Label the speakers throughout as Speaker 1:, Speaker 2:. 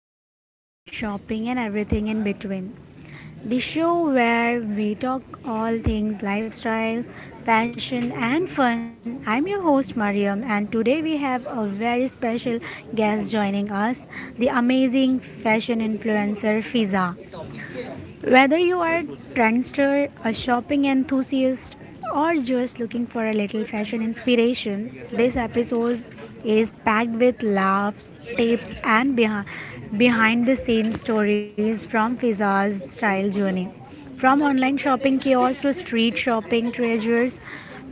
Speaker 1: of Girl Shopping and Everything in Between. The show where we talk all things lifestyle, fashion, and fun. I'm your host Mariam, and today we have a very special guest joining us the amazing fashion influencer Fiza. Whether you are a trendster, a shopping enthusiast, or just looking for a little fashion inspiration, this episode is packed with laughs, tips, and behind the scenes stories from Fiza's style journey. From online shopping kiosks to street shopping treasures,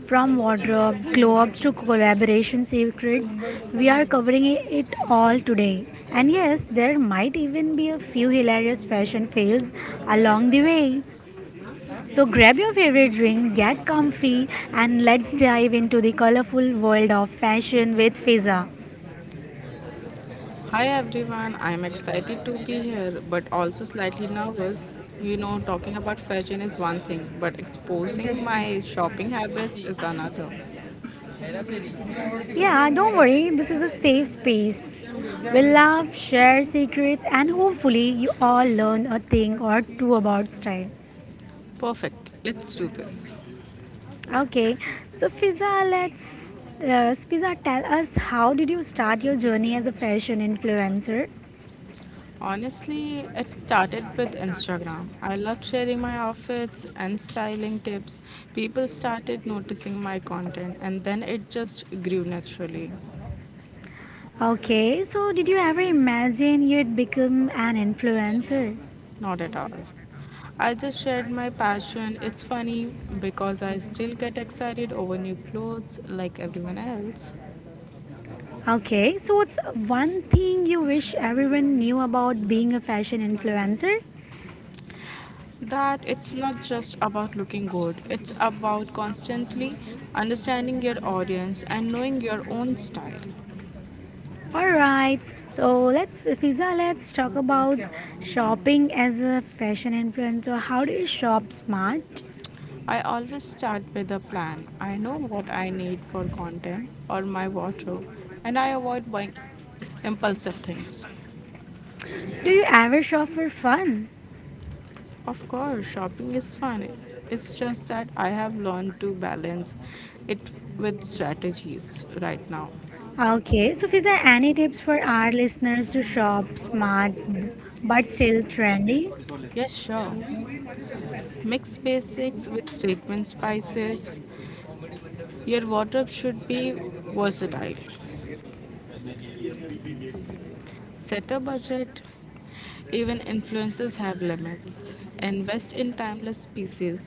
Speaker 1: from wardrobe glow ups to collaboration secrets, we are covering it all today. And yes, there might even be a few hilarious fashion fails along the way. So grab your favorite drink, get comfy, and let's dive into the colorful world of fashion with Fiza.
Speaker 2: Hi everyone, I'm excited to be here but also slightly nervous. Talking about fashion is one thing, but exposing my shopping habits is another.
Speaker 1: Yeah, don't worry, this is a safe space. We'll laugh, share secrets, and hopefully, you all learn a thing or two about style.
Speaker 2: Perfect, let's do this.
Speaker 1: Okay, so Fiza, let's. Fiza, tell us how did you start your journey as a fashion influencer?
Speaker 2: Honestly, it started with Instagram. I loved sharing my outfits and styling tips. People started noticing my content, and then it just grew naturally.
Speaker 1: Okay, so did you ever imagine you'd become an influencer?
Speaker 2: Not at all. I just shared my passion. It's funny because I still get excited over new clothes like everyone else.
Speaker 1: Okay, so what's one thing you wish everyone knew about being a fashion influencer?
Speaker 2: That it's not just about looking good, it's about constantly understanding your audience and knowing your own style.
Speaker 1: All right, so let's Fiza, let's talk about shopping as a fashion influencer. How do you shop smart?
Speaker 2: I always start with a plan. I know what I need for content or my wardrobe, and I avoid buying impulsive things.
Speaker 1: Do you ever shop for fun?
Speaker 2: Of course, shopping is fun. It's just that I have learned to balance it with strategies right now.
Speaker 1: Okay, so Fiza, any tips for our listeners to shop smart but still trendy?
Speaker 2: Yes, sure. Mix basics with statement spices. Your wardrobe should be versatile. Set a budget. Even influencers have limits. Invest in timeless pieces.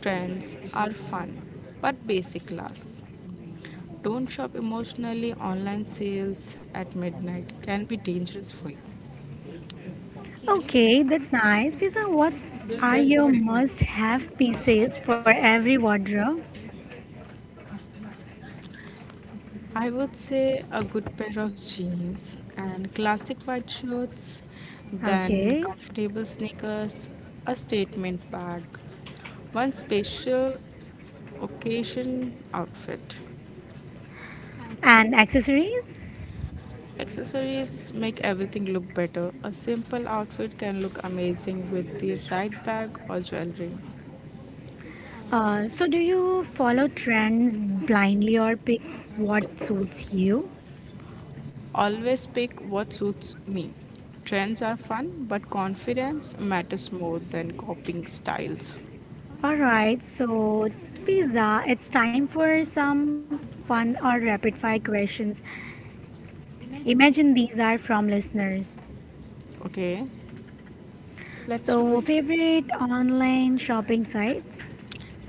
Speaker 2: Trends are fun, but basic lasts. Don't shop emotionally. Online sales at midnight can be dangerous for you.
Speaker 1: Okay, that's nice. Fiza, what are your must-have pieces for every wardrobe?
Speaker 2: I would say a good pair of jeans and classic white shirts, then
Speaker 1: Okay,
Speaker 2: comfortable sneakers, a statement bag, one special occasion outfit.
Speaker 1: and accessories?
Speaker 2: Accessories make everything look better. A simple outfit can look amazing with the right bag or jewelry.
Speaker 1: So do you follow trends blindly or pick what suits you?
Speaker 2: Always pick what suits me. Trends are fun, but confidence matters more than copying styles.
Speaker 1: All right, so Fiza, it's time for some fun or rapid fire questions. Imagine these are from listeners.
Speaker 2: Okay, let's do
Speaker 1: So,
Speaker 2: it.
Speaker 1: favorite online shopping sites,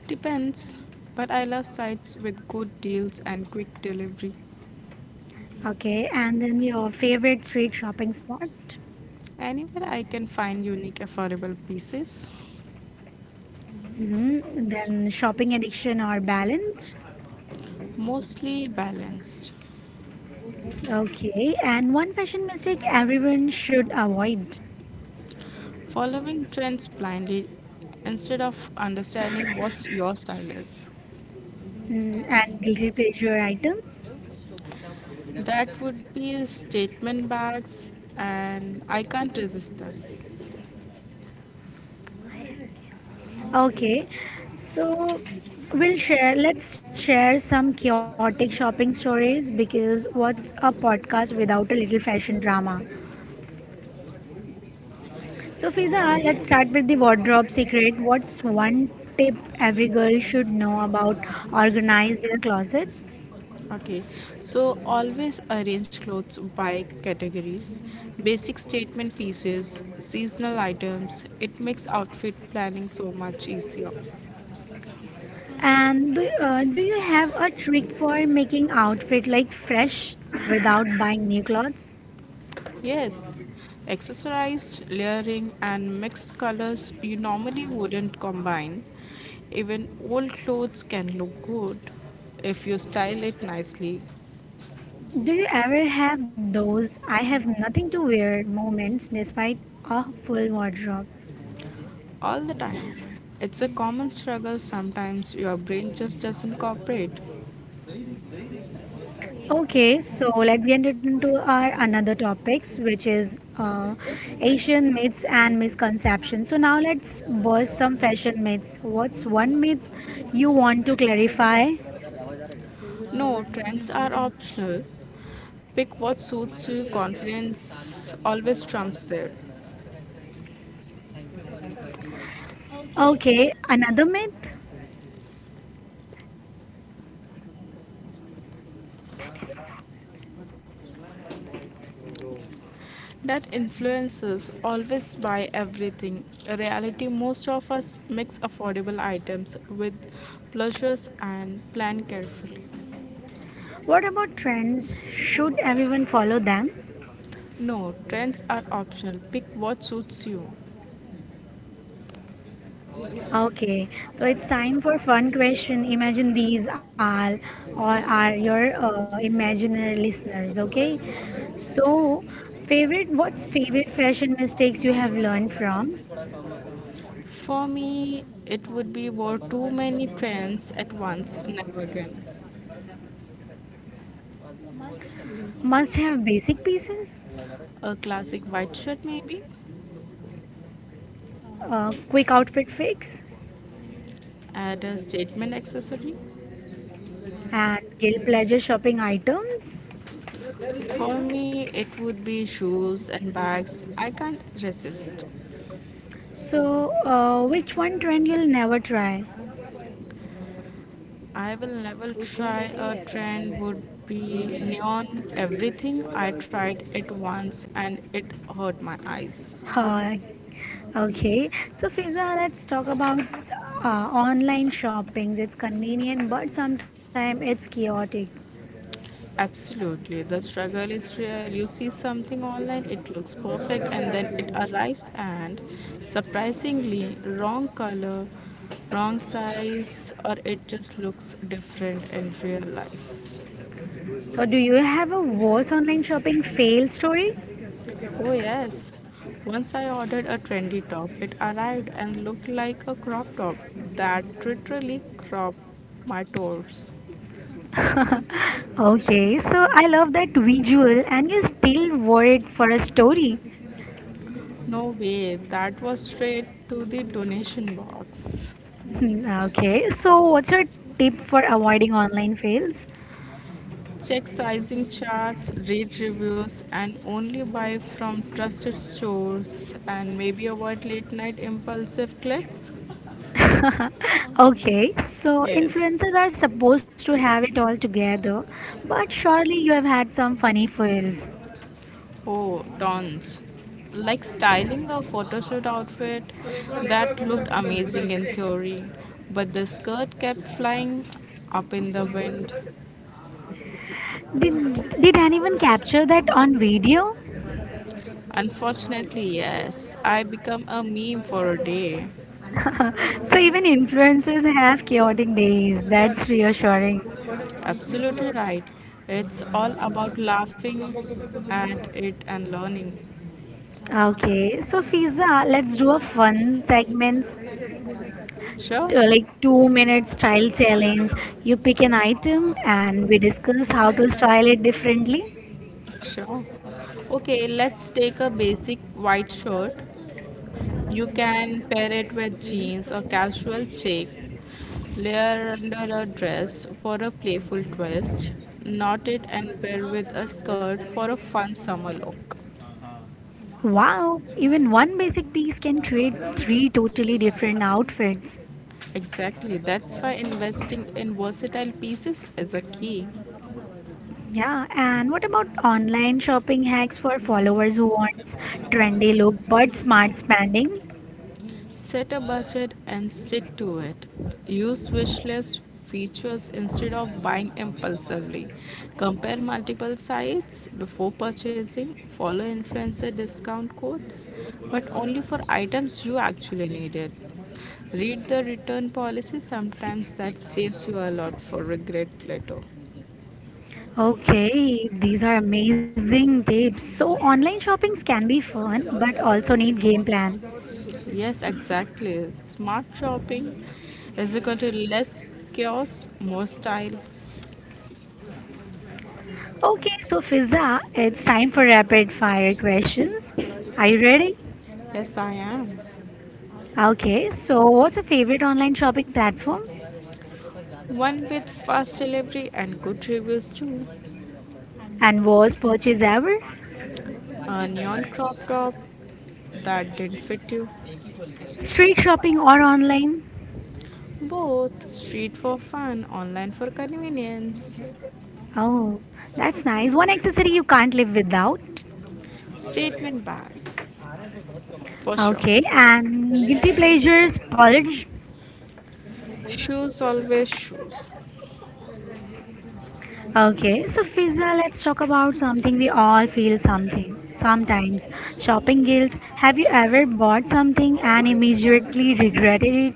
Speaker 2: Depends, but I love sites with good deals and quick delivery.
Speaker 1: okay, and then your favorite street shopping spot,
Speaker 2: Anywhere I can find unique, affordable pieces,
Speaker 1: hmm, then shopping addiction or balance,
Speaker 2: mostly balanced.
Speaker 1: okay, and one fashion mistake everyone should avoid,
Speaker 2: Following trends blindly instead of understanding what your style is.
Speaker 1: mm, and guilty pleasure items.
Speaker 2: That would be a statement bags and I can't resist that.
Speaker 1: Okay, so let's share some chaotic shopping stories because what's a podcast without a little fashion drama? So, Fiza, let's start with the wardrobe secret. What's one tip every girl should know about organize their closet?
Speaker 2: Okay. So always arrange clothes by categories. Basic statement pieces, seasonal items. It makes outfit planning so much easier.
Speaker 1: And do you have a trick for making outfit like fresh without buying new clothes?
Speaker 2: Yes. Accessorized layering and mixed colors you normally wouldn't combine. Even old clothes can look good if you style it nicely.
Speaker 1: Do you ever have those I have nothing to wear moments despite a full wardrobe?
Speaker 2: All the time. It's a common struggle, sometimes your brain just doesn't cooperate.
Speaker 1: Okay, so let's get into our another topics, which is Asian myths and misconceptions. So now let's burst some fashion myths. What's one myth you want to clarify?
Speaker 2: No, trends are optional. Pick what suits you. Confidence always trumps there.
Speaker 1: Okay, another myth.
Speaker 2: That influences always buy everything. In reality, most of us mix affordable items with pleasures and plan carefully.
Speaker 1: What about trends? Should everyone follow them?
Speaker 2: No, trends are optional. Pick what suits you.
Speaker 1: Okay, so it's time for fun question. Imagine these are your imaginary listeners. Okay, so favorite what's favorite fashion mistakes you have learned from?
Speaker 2: For me, it would be wore too many trends at once, never again.
Speaker 1: Must have basic pieces,
Speaker 2: A classic white shirt, maybe?
Speaker 1: quick outfit fix,
Speaker 2: Add a statement accessory?
Speaker 1: and guilt pleasure shopping items.
Speaker 2: For me, it would be shoes and bags. I can't resist.
Speaker 1: So, which one trend you'll never try?
Speaker 2: I will never try a trend would be neon everything. I tried it once and it hurt my eyes.
Speaker 1: Uh, Okay, so Fiza, let's talk about online shopping. It's convenient, but sometimes it's chaotic.
Speaker 2: Absolutely. The struggle is real. You see something online, it looks perfect and then it arrives and surprisingly wrong color, wrong size or it just looks different in real life.
Speaker 1: So, do you have a worse online shopping fail story?
Speaker 2: Oh, yes. Once I ordered a trendy top. It arrived and looked like a crop top that literally cropped my toes.
Speaker 1: Okay, so I love that visual, and you still worried for a story.
Speaker 2: No way, that was straight to the donation box.
Speaker 1: Hmm, okay, so what's your tip for avoiding online fails?
Speaker 2: Check sizing charts, read reviews, and only buy from trusted stores and maybe avoid late night impulsive clicks.
Speaker 1: Okay, so
Speaker 2: Yes.
Speaker 1: influencers are supposed to have it all together, but surely you have had some funny fails.
Speaker 2: Oh, tons. Like styling a photoshoot outfit that looked amazing in theory, but the skirt kept flying up in the wind.
Speaker 1: Did, did anyone capture that on video?
Speaker 2: Unfortunately, yes, I become a meme for a day.
Speaker 1: So even influencers have chaotic days. That's reassuring.
Speaker 2: Absolutely right. It's all about laughing at it and learning.
Speaker 1: Okay, so Fiza, let's do a fun segment,
Speaker 2: Sure,
Speaker 1: like 2 minute style challenge. You pick an item and we discuss how to style it differently.
Speaker 2: sure. Okay, let's take a basic white shirt. You can pair it with jeans or casual check, layer under a dress for a playful twist, knot it and pair with a skirt for a fun summer look.
Speaker 1: Wow, even one basic piece can create three totally different outfits.
Speaker 2: Exactly, that's why investing in versatile pieces is a key.
Speaker 1: Yeah, and what about online shopping hacks for followers who wants trendy look but smart spending?
Speaker 2: Set a budget and stick to it. Use wish list features instead of buying impulsively. Compare multiple sites before purchasing. Follow influencer discount codes, but only for items you actually needed. Read the return policy, sometimes that saves you a lot for regret later.
Speaker 1: Okay, these are amazing tips. So online shoppings can be fun but also need game plan.
Speaker 2: Yes, exactly. Smart shopping is equal to less chaos, more style.
Speaker 1: Okay, so Fizza, it's time for rapid fire questions. Are you ready?
Speaker 2: Yes, I am.
Speaker 1: Okay, so what's your favorite online shopping platform
Speaker 2: One with fast delivery and good reviews too.
Speaker 1: and worst purchase ever?
Speaker 2: A neon crop top that didn't fit you.
Speaker 1: Street shopping or online?
Speaker 2: Both street for fun, online for convenience.
Speaker 1: Oh, that's nice. One accessory you can't live without.
Speaker 2: Statement bag, for sure.
Speaker 1: Okay, and guilty pleasures purge.
Speaker 2: Shoes, always shoes.
Speaker 1: Okay, so Fiza, let's talk about something we all feel something sometimes. Shopping guilt. Have you ever bought something and immediately regretted it?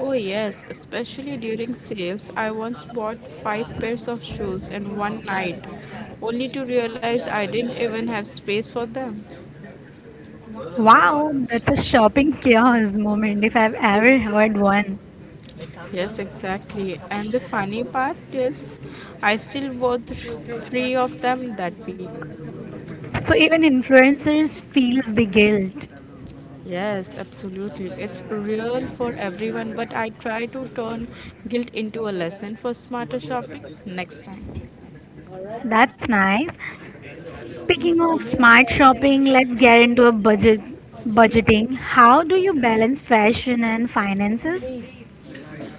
Speaker 2: Oh, yes, especially during sales. I once bought five pairs of shoes in one night, only to realize I didn't even have space for them.
Speaker 1: Wow, that's a shopping chaos moment if I've ever heard one.
Speaker 2: Yes, exactly. And the funny part is, I still wore three of them that week.
Speaker 1: So even influencers feels the guilt.
Speaker 2: Yes, absolutely. It's real for everyone, but I try to turn guilt into a lesson for smarter shopping next time.
Speaker 1: That's nice. Speaking of smart shopping, let's get into a budgeting. How do you balance fashion and finances?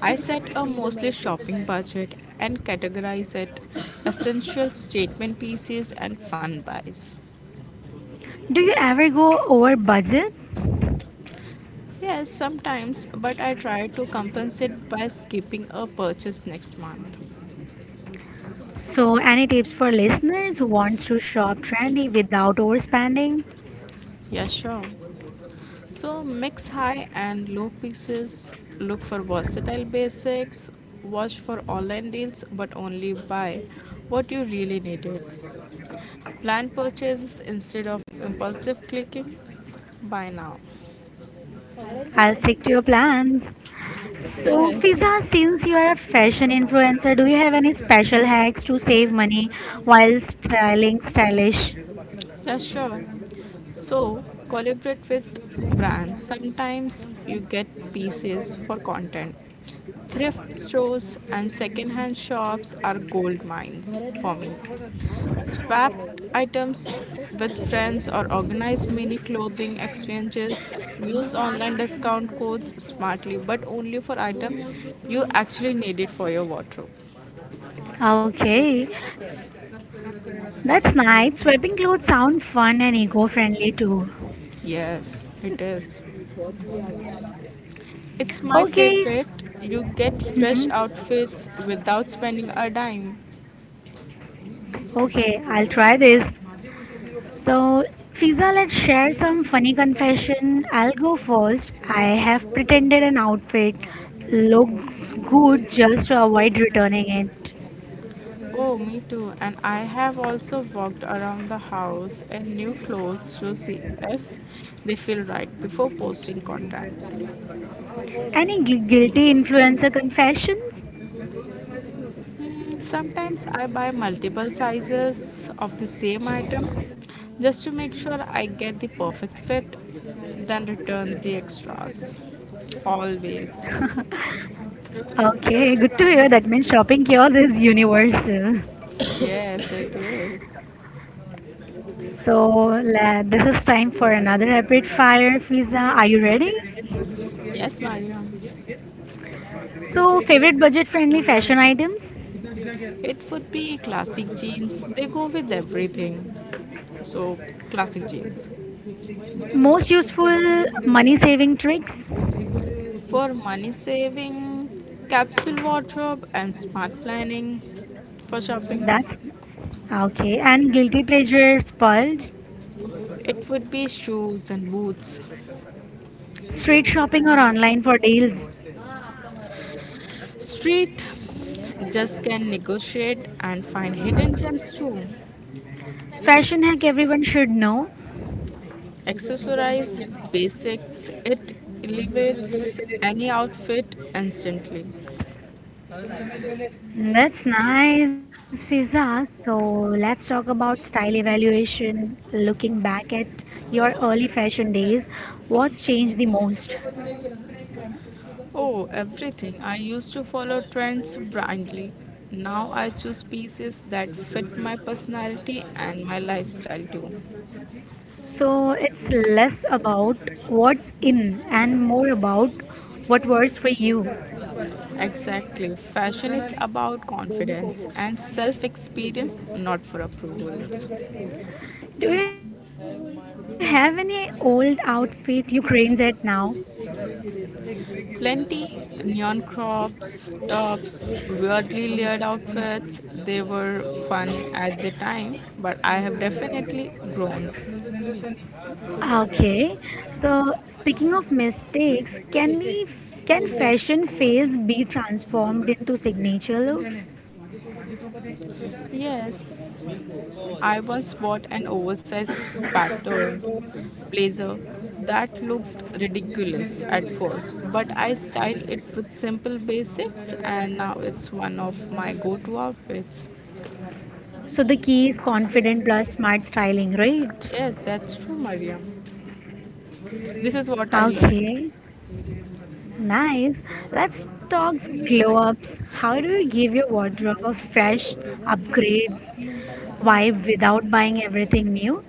Speaker 2: I set a mostly shopping budget and categorize it essential statement pieces and fun buys.
Speaker 1: Do you ever go over budget?
Speaker 2: Yes, sometimes, but I try to compensate by skipping a purchase next month.
Speaker 1: So, any tips for listeners who wants to shop trendy without overspending?
Speaker 2: Yeah, sure. So mix high and low pieces, look for versatile basics, watch for online deals but only buy what you really needed. Plan purchases instead of impulsive clicking. Buy now.
Speaker 1: I'll stick to your plans. So,
Speaker 2: Yes,
Speaker 1: Fiza, since you are a fashion influencer, do you have any special hacks to save money while styling stylish?
Speaker 2: yeah, sure. So, collaborate with brands. Sometimes you get pieces for content. Thrift stores and secondhand shops are gold mines for me. Swap items with friends or organize mini clothing exchanges. Use online discount codes smartly, but only for item you actually need it for your wardrobe.
Speaker 1: Okay, that's nice. Swapping clothes sound fun and eco-friendly too.
Speaker 2: Yes, it is. It's my
Speaker 1: Okay,
Speaker 2: favorite. You get fresh
Speaker 1: hmm,
Speaker 2: outfits without spending a dime.
Speaker 1: okay, I'll try this. So, Fiza, let's share some funny confession. I'll go first. I have pretended an outfit looks good just to avoid returning it.
Speaker 2: Oh, me too. And I have also walked around the house in new clothes to see if they feel right before posting content.
Speaker 1: Any guilty influencer confessions?
Speaker 2: Hmm, sometimes I buy multiple sizes of the same item just to make sure I get the perfect fit, then return the extras. Always.
Speaker 1: Okay, good to hear. That means shopping cures is universal.
Speaker 2: Yes, it is.
Speaker 1: So, this is time for another rapid fire, Fiza. Are you ready?
Speaker 2: Yes, Mariam.
Speaker 1: So, favorite budget friendly fashion items?
Speaker 2: It would be classic jeans. They go with everything. So, classic jeans.
Speaker 1: Most useful money saving tricks?
Speaker 2: For money saving, capsule wardrobe, and smart planning for shopping,
Speaker 1: That's okay. And guilty pleasure splurge,
Speaker 2: it would be shoes and boots.
Speaker 1: street shopping or online for deals.
Speaker 2: Street just can negotiate and find hidden gems too.
Speaker 1: Fashion hack everyone should know.
Speaker 2: Accessorize basics, it elevates any outfit instantly.
Speaker 1: That's nice, Fiza. So let's talk about style evaluation. Looking back at your early fashion days, what's changed the most?
Speaker 2: Oh, everything. I used to follow trends blindly. Now I choose pieces that fit my personality and my lifestyle too.
Speaker 1: So it's less about what's in and more about what works for you.
Speaker 2: Exactly. Fashion is about confidence and self experience, not for approvals.
Speaker 1: Do you have any old outfit you cringe at now?
Speaker 2: Plenty neon crops, tops, weirdly layered outfits. They were fun at the time, but I have definitely grown.
Speaker 1: Okay, so speaking of mistakes, can fashion fails be transformed into signature looks?
Speaker 2: Yes. I once bought an oversized patterned blazer that looked ridiculous at first, but I styled it with simple basics and now it's one of my go to outfits.
Speaker 1: So the key is confident plus smart styling, right?
Speaker 2: Yes, that's true, Mariam. This is what I learned.
Speaker 1: Okay, nice. Let's talk glow ups. How do you give your wardrobe a fresh upgrade vibe without buying everything new?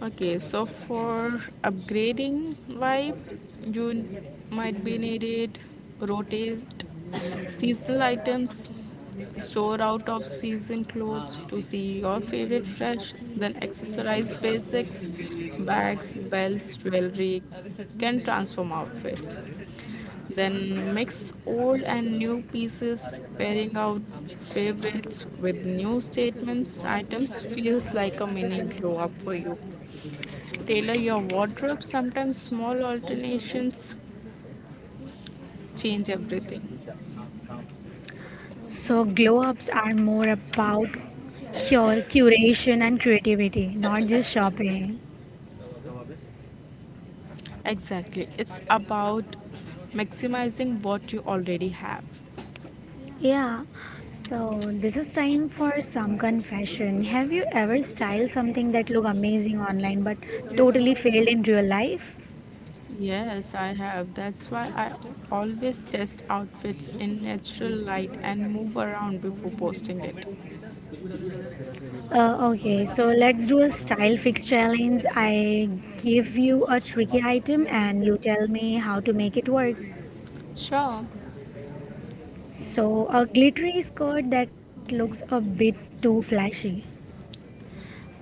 Speaker 2: Okay, so for upgrading vibe, you might be needed rotate seasonal items, store out of season clothes to see your favorite fresh, then accessorize basics, bags, belts, jewelry can transform outfits. Then mix old and new pieces, pairing out favorites with new statements. Items feels like a mini glow up for you. Tailor your wardrobe. Sometimes small alternations change everything.
Speaker 1: So glow ups are more about curation and creativity, not just shopping.
Speaker 2: Exactly. It's about maximizing what you already have.
Speaker 1: Yeah, so this is time for some confession. Have you ever styled something that looked amazing online but totally failed in real life?
Speaker 2: Yes, I have. That's why I always test outfits in natural light and move around before posting it.
Speaker 1: Okay, so let's do a style fix challenge. I give you a tricky item and you tell me how to make it work.
Speaker 2: Sure.
Speaker 1: So, a glittery skirt that looks a bit too flashy.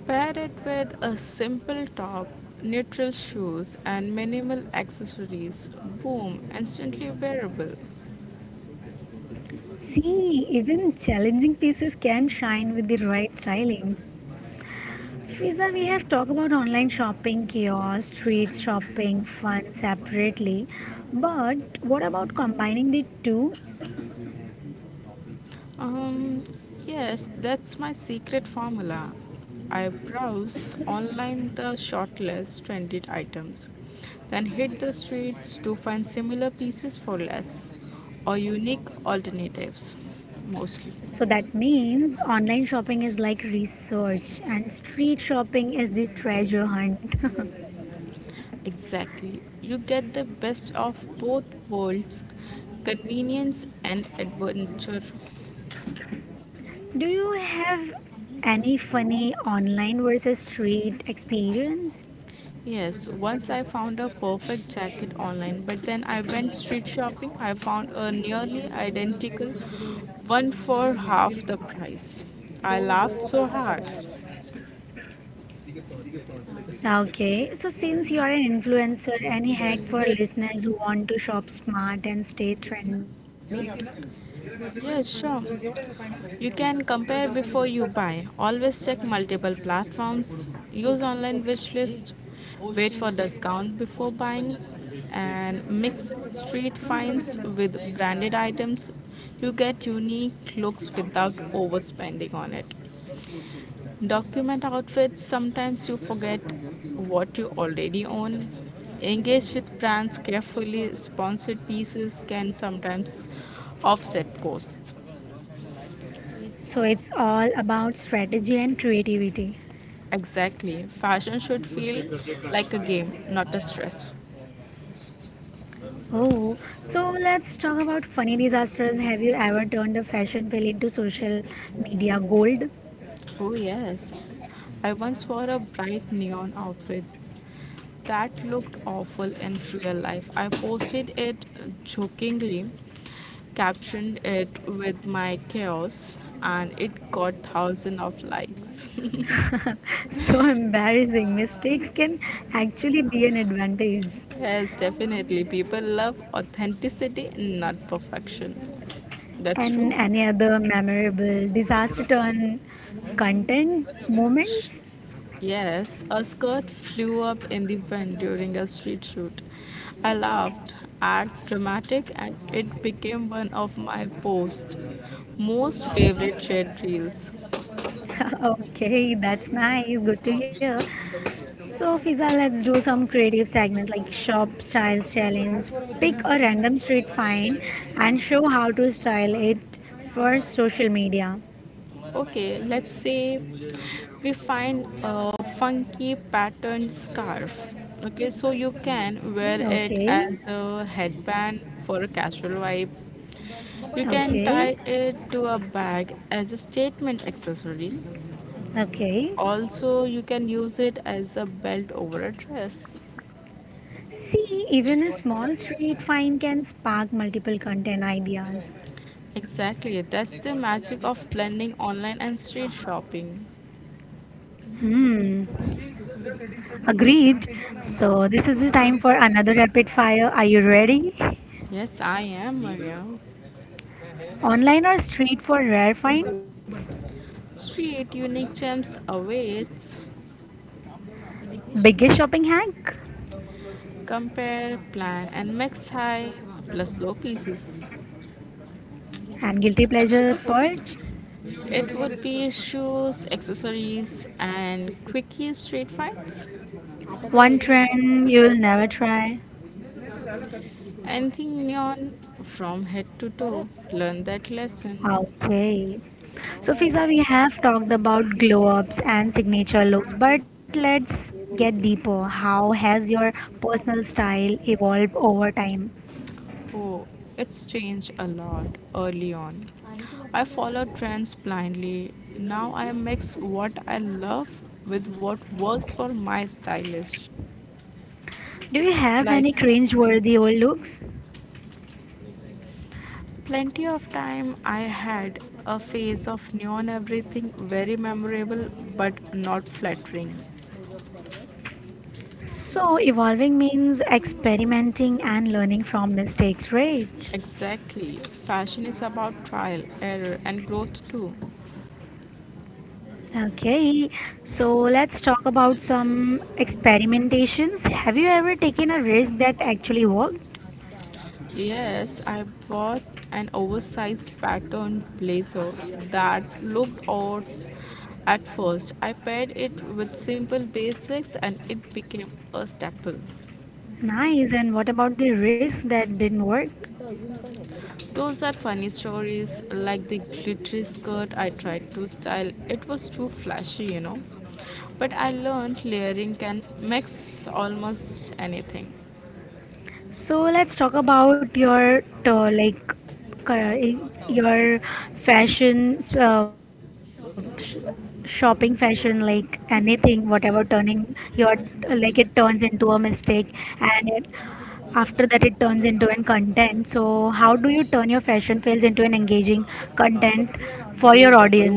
Speaker 2: Pair it with a simple top, neutral shoes, and minimal accessories. Boom, instantly wearable.
Speaker 1: See, even challenging pieces can shine with the right styling. Fiza, we have talked about online shopping, chaos, street shopping, fun separately. But what about combining the two?
Speaker 2: Um, yes, that's my secret formula. I browse online the shortlist trended items, then hit the streets to find similar pieces for less or unique alternatives, mostly.
Speaker 1: So that means online shopping is like research and street shopping is the treasure hunt.
Speaker 2: Exactly. You get the best of both worlds, convenience and adventure.
Speaker 1: Do you have any funny online versus street experience?
Speaker 2: Yes, once I found a perfect jacket online, but then I went street shopping. I found a nearly identical one for half the price. I laughed so hard.
Speaker 1: Okay, so since you are an influencer, any hack for listeners who want to shop smart and stay trendy?
Speaker 2: Yes, sure. You can compare before you buy. Always check multiple platforms. Use online wish list. Wait for discount before buying. And mix street finds with branded items. You get unique looks without overspending on it. Document outfits, sometimes you forget what you already own. Engage with brands carefully, sponsored pieces can sometimes offset costs.
Speaker 1: So it's all about strategy and creativity.
Speaker 2: Exactly. Fashion should feel like a game, not a stress.
Speaker 1: Oh, so let's talk about funny disasters. Have you ever turned a fashion fail into social media gold?
Speaker 2: Oh, yes. I once wore a bright neon outfit that looked awful in real life. I posted it jokingly, captioned it with my chaos, and it got thousands of likes.
Speaker 1: So embarrassing. Mistakes can actually be an advantage.
Speaker 2: yes, definitely. People love authenticity, not perfection. That's
Speaker 1: And
Speaker 2: true.
Speaker 1: any other memorable disaster turn content moments?
Speaker 2: Yes, a skirt flew up in the wind during a street shoot. I laughed at dramatic and it became one of my post most favorite shared reels.
Speaker 1: Okay, that's nice. Good to hear. So, Fiza, let's do some creative segments like shop styles challenge. Pick a random street find and show how to style it for social media.
Speaker 2: Okay, let's say we find a funky patterned scarf. Okay, so you can wear it
Speaker 1: Okay,
Speaker 2: as a headband for a casual vibe. You can
Speaker 1: okay,
Speaker 2: tie it to a bag as a statement accessory.
Speaker 1: okay.
Speaker 2: Also, you can use it as a belt over a dress.
Speaker 1: See, even a small street find can spark multiple content ideas.
Speaker 2: Exactly, that's the magic of blending online and street shopping.
Speaker 1: Hmm. Agreed. So, this is the time for another rapid fire. Are you ready?
Speaker 2: Yes, I am, Maria.
Speaker 1: Online or street for rare finds?
Speaker 2: Street unique gems awaits.
Speaker 1: Biggest shopping hack?
Speaker 2: Compare, plan, and mix high plus low pieces.
Speaker 1: And guilty pleasure purge?
Speaker 2: It would be shoes, accessories, and quickie street finds.
Speaker 1: One trend you will never try?
Speaker 2: Anything neon from head to toe. Learn that lesson.
Speaker 1: Okay. So, Fiza, we have talked about glow ups and signature looks, but let's get deeper. How has your personal style evolved over time?
Speaker 2: Oh, it's changed a lot early on. I followed trends blindly. Now I mix what I love with what works for my stylish
Speaker 1: Do you have any
Speaker 2: lifestyle.
Speaker 1: cringe-worthy old looks?
Speaker 2: Plenty of time I had a phase of neon everything, very memorable but not flattering.
Speaker 1: So, evolving means experimenting and learning from mistakes, right?
Speaker 2: Exactly. Fashion is about trial, error, and growth too.
Speaker 1: Okay, so let's talk about some experimentations. Have you ever taken a risk that actually worked?
Speaker 2: Yes, I bought an oversized pattern blazer that looked odd at first. I paired it with simple basics and it became a staple.
Speaker 1: Nice. And what about the risk that didn't work?
Speaker 2: Those are funny stories, like the glittery skirt I tried to style. It was too flashy. But I learned layering can mix almost anything.
Speaker 1: So let's talk about your like cur- your fashion shopping fashion like anything whatever turning your like it turns into a mistake and it After that, it turns into an content. So, how do you turn your fashion fails into an engaging content for your audience?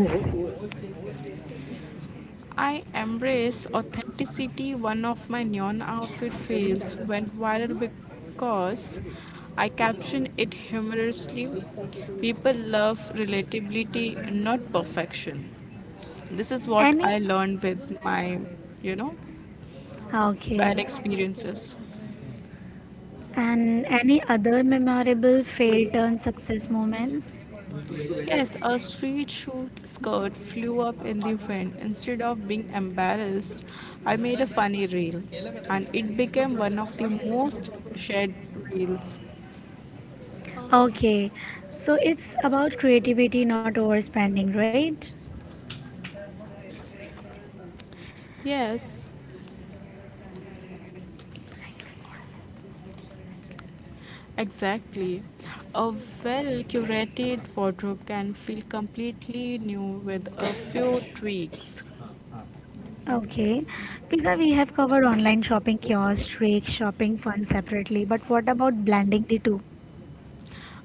Speaker 2: I embrace authenticity. One of my neon outfit fails went viral because I captioned it humorously. People love relatability, not perfection. This is what
Speaker 1: Any?
Speaker 2: I learned with my, you know, bad
Speaker 1: Okay.
Speaker 2: experiences.
Speaker 1: And any other memorable fail turn success moments?
Speaker 2: Yes, a street shoot skirt flew up in the wind. Instead of being embarrassed, I made a funny reel, and it became one of the most shared reels.
Speaker 1: Okay. So it's about creativity, not overspending, right?
Speaker 2: Yes, exactly. A well curated wardrobe can feel completely new with a few tweaks.
Speaker 1: Okay. Pizza, we have covered online shopping kiosks, streak shopping fun separately, but what about blending the two?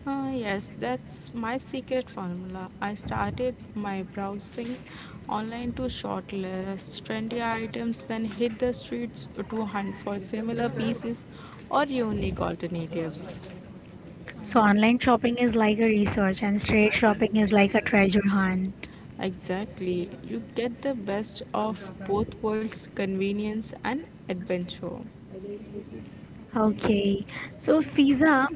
Speaker 2: Ah, yes, that's my secret formula. I started my browsing online to shortlist trendy items, then hit the streets to hunt for similar pieces or unique alternatives.
Speaker 1: So online shopping is like a research and straight shopping is like a treasure hunt.
Speaker 2: Exactly. You get the best of both worlds convenience and adventure.
Speaker 1: Okay. So Fiza,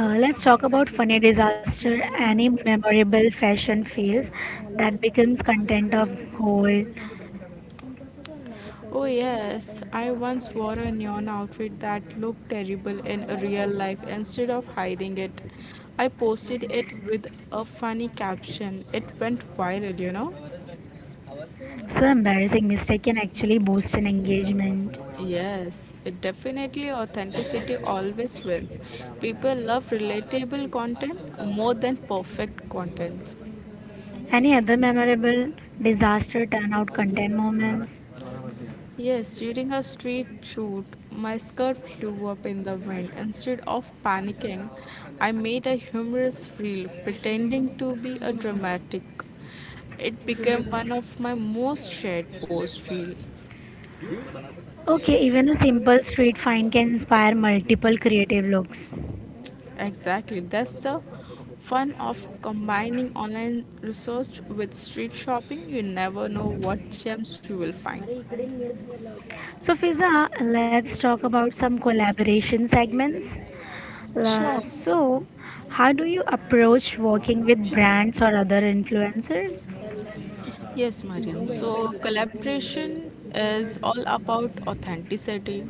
Speaker 1: let's talk about funny disaster, any memorable fashion fails that becomes content of whole.
Speaker 2: Oh, yes. I once wore a neon outfit that looked terrible in a real life. Instead of hiding it, I posted it with a funny caption. It went viral?
Speaker 1: So embarrassing mistake can actually boost an engagement.
Speaker 2: Yes, it definitely authenticity always wins. People love relatable content more than perfect content.
Speaker 1: Any other memorable disaster turnout content moments?
Speaker 2: Yes, during a street shoot, my skirt flew up in the wind. Instead of panicking, I made a humorous reel pretending to be a dramatic. It became one of my most shared post reels.
Speaker 1: Okay, even a simple street find can inspire multiple creative looks.
Speaker 2: Exactly. That's the fun of combining online research with street shopping. You never know what gems you will find.
Speaker 1: So, Fiza, let's talk about some collaboration segments.
Speaker 2: Sure.
Speaker 1: So, how do you approach working with brands or other influencers?
Speaker 2: Yes, Mariam. So collaboration is all about authenticity.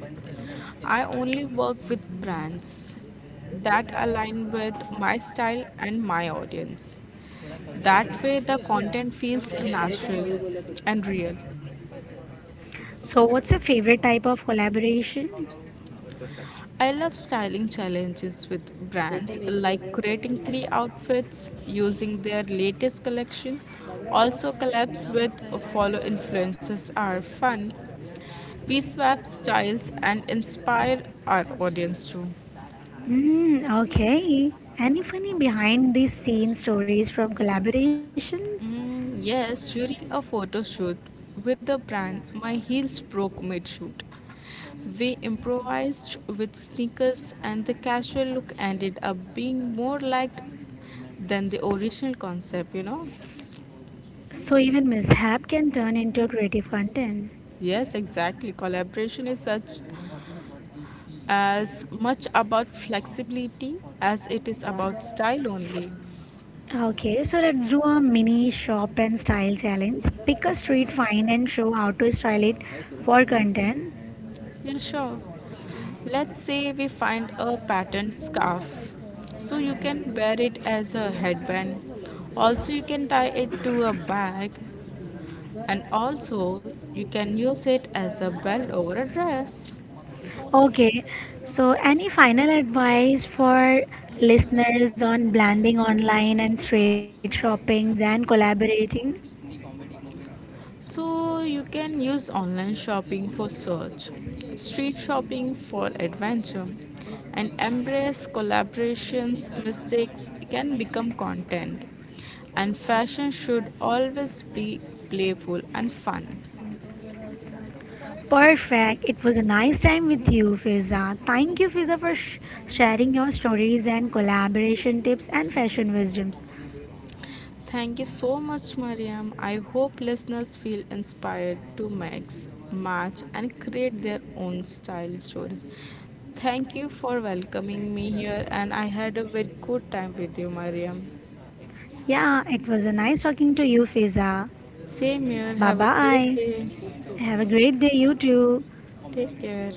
Speaker 2: I only work with brands that align with my style and my audience. That way, the content feels natural and real.
Speaker 1: So, what's your favorite type of collaboration?
Speaker 2: I love styling challenges with brands, like creating three outfits using their latest collection. Also, collabs with follow influencers are fun. We swap styles and inspire our audience too.
Speaker 1: Mm, okay. Any funny behind the scenes stories from collaborations?
Speaker 2: Mm, yes, during a photo shoot with a brand, my heels broke mid shoot. We improvised with sneakers, and the casual look ended up being more liked than the original concept?
Speaker 1: So, even mishap can turn into creative content.
Speaker 2: Yes, exactly. Collaboration is such as much about flexibility as it is about style only.
Speaker 1: Okay, so let's do a mini shop and style challenge. Pick a street find and show how to style it for content.
Speaker 2: Yeah, sure. Let's say we find a patterned scarf. So you can wear it as a headband. Also, you can tie it to a bag and also you can use it as a belt over a dress.
Speaker 1: Okay, so any final advice for listeners on blending online and straight shoppings and collaborating?
Speaker 2: So you can use online shopping for search, street shopping for adventure, and embrace collaborations. Mistakes can become content, and fashion should always be playful and fun.
Speaker 1: Perfect. It was a nice time with you, Fiza. Thank you, Fiza, for sharing your stories and collaboration tips and fashion wisdoms.
Speaker 2: Thank you so much, Mariam. I hope listeners feel inspired to mix, match, and create their own style stories. Thank you for welcoming me here, and I had a very good time with you, Mariam.
Speaker 1: Yeah, it was a nice talking to you, Fiza.
Speaker 2: Same here.
Speaker 1: Bye
Speaker 2: Have a great
Speaker 1: bye.
Speaker 2: day.
Speaker 1: Have a great day, you too.
Speaker 2: Take care.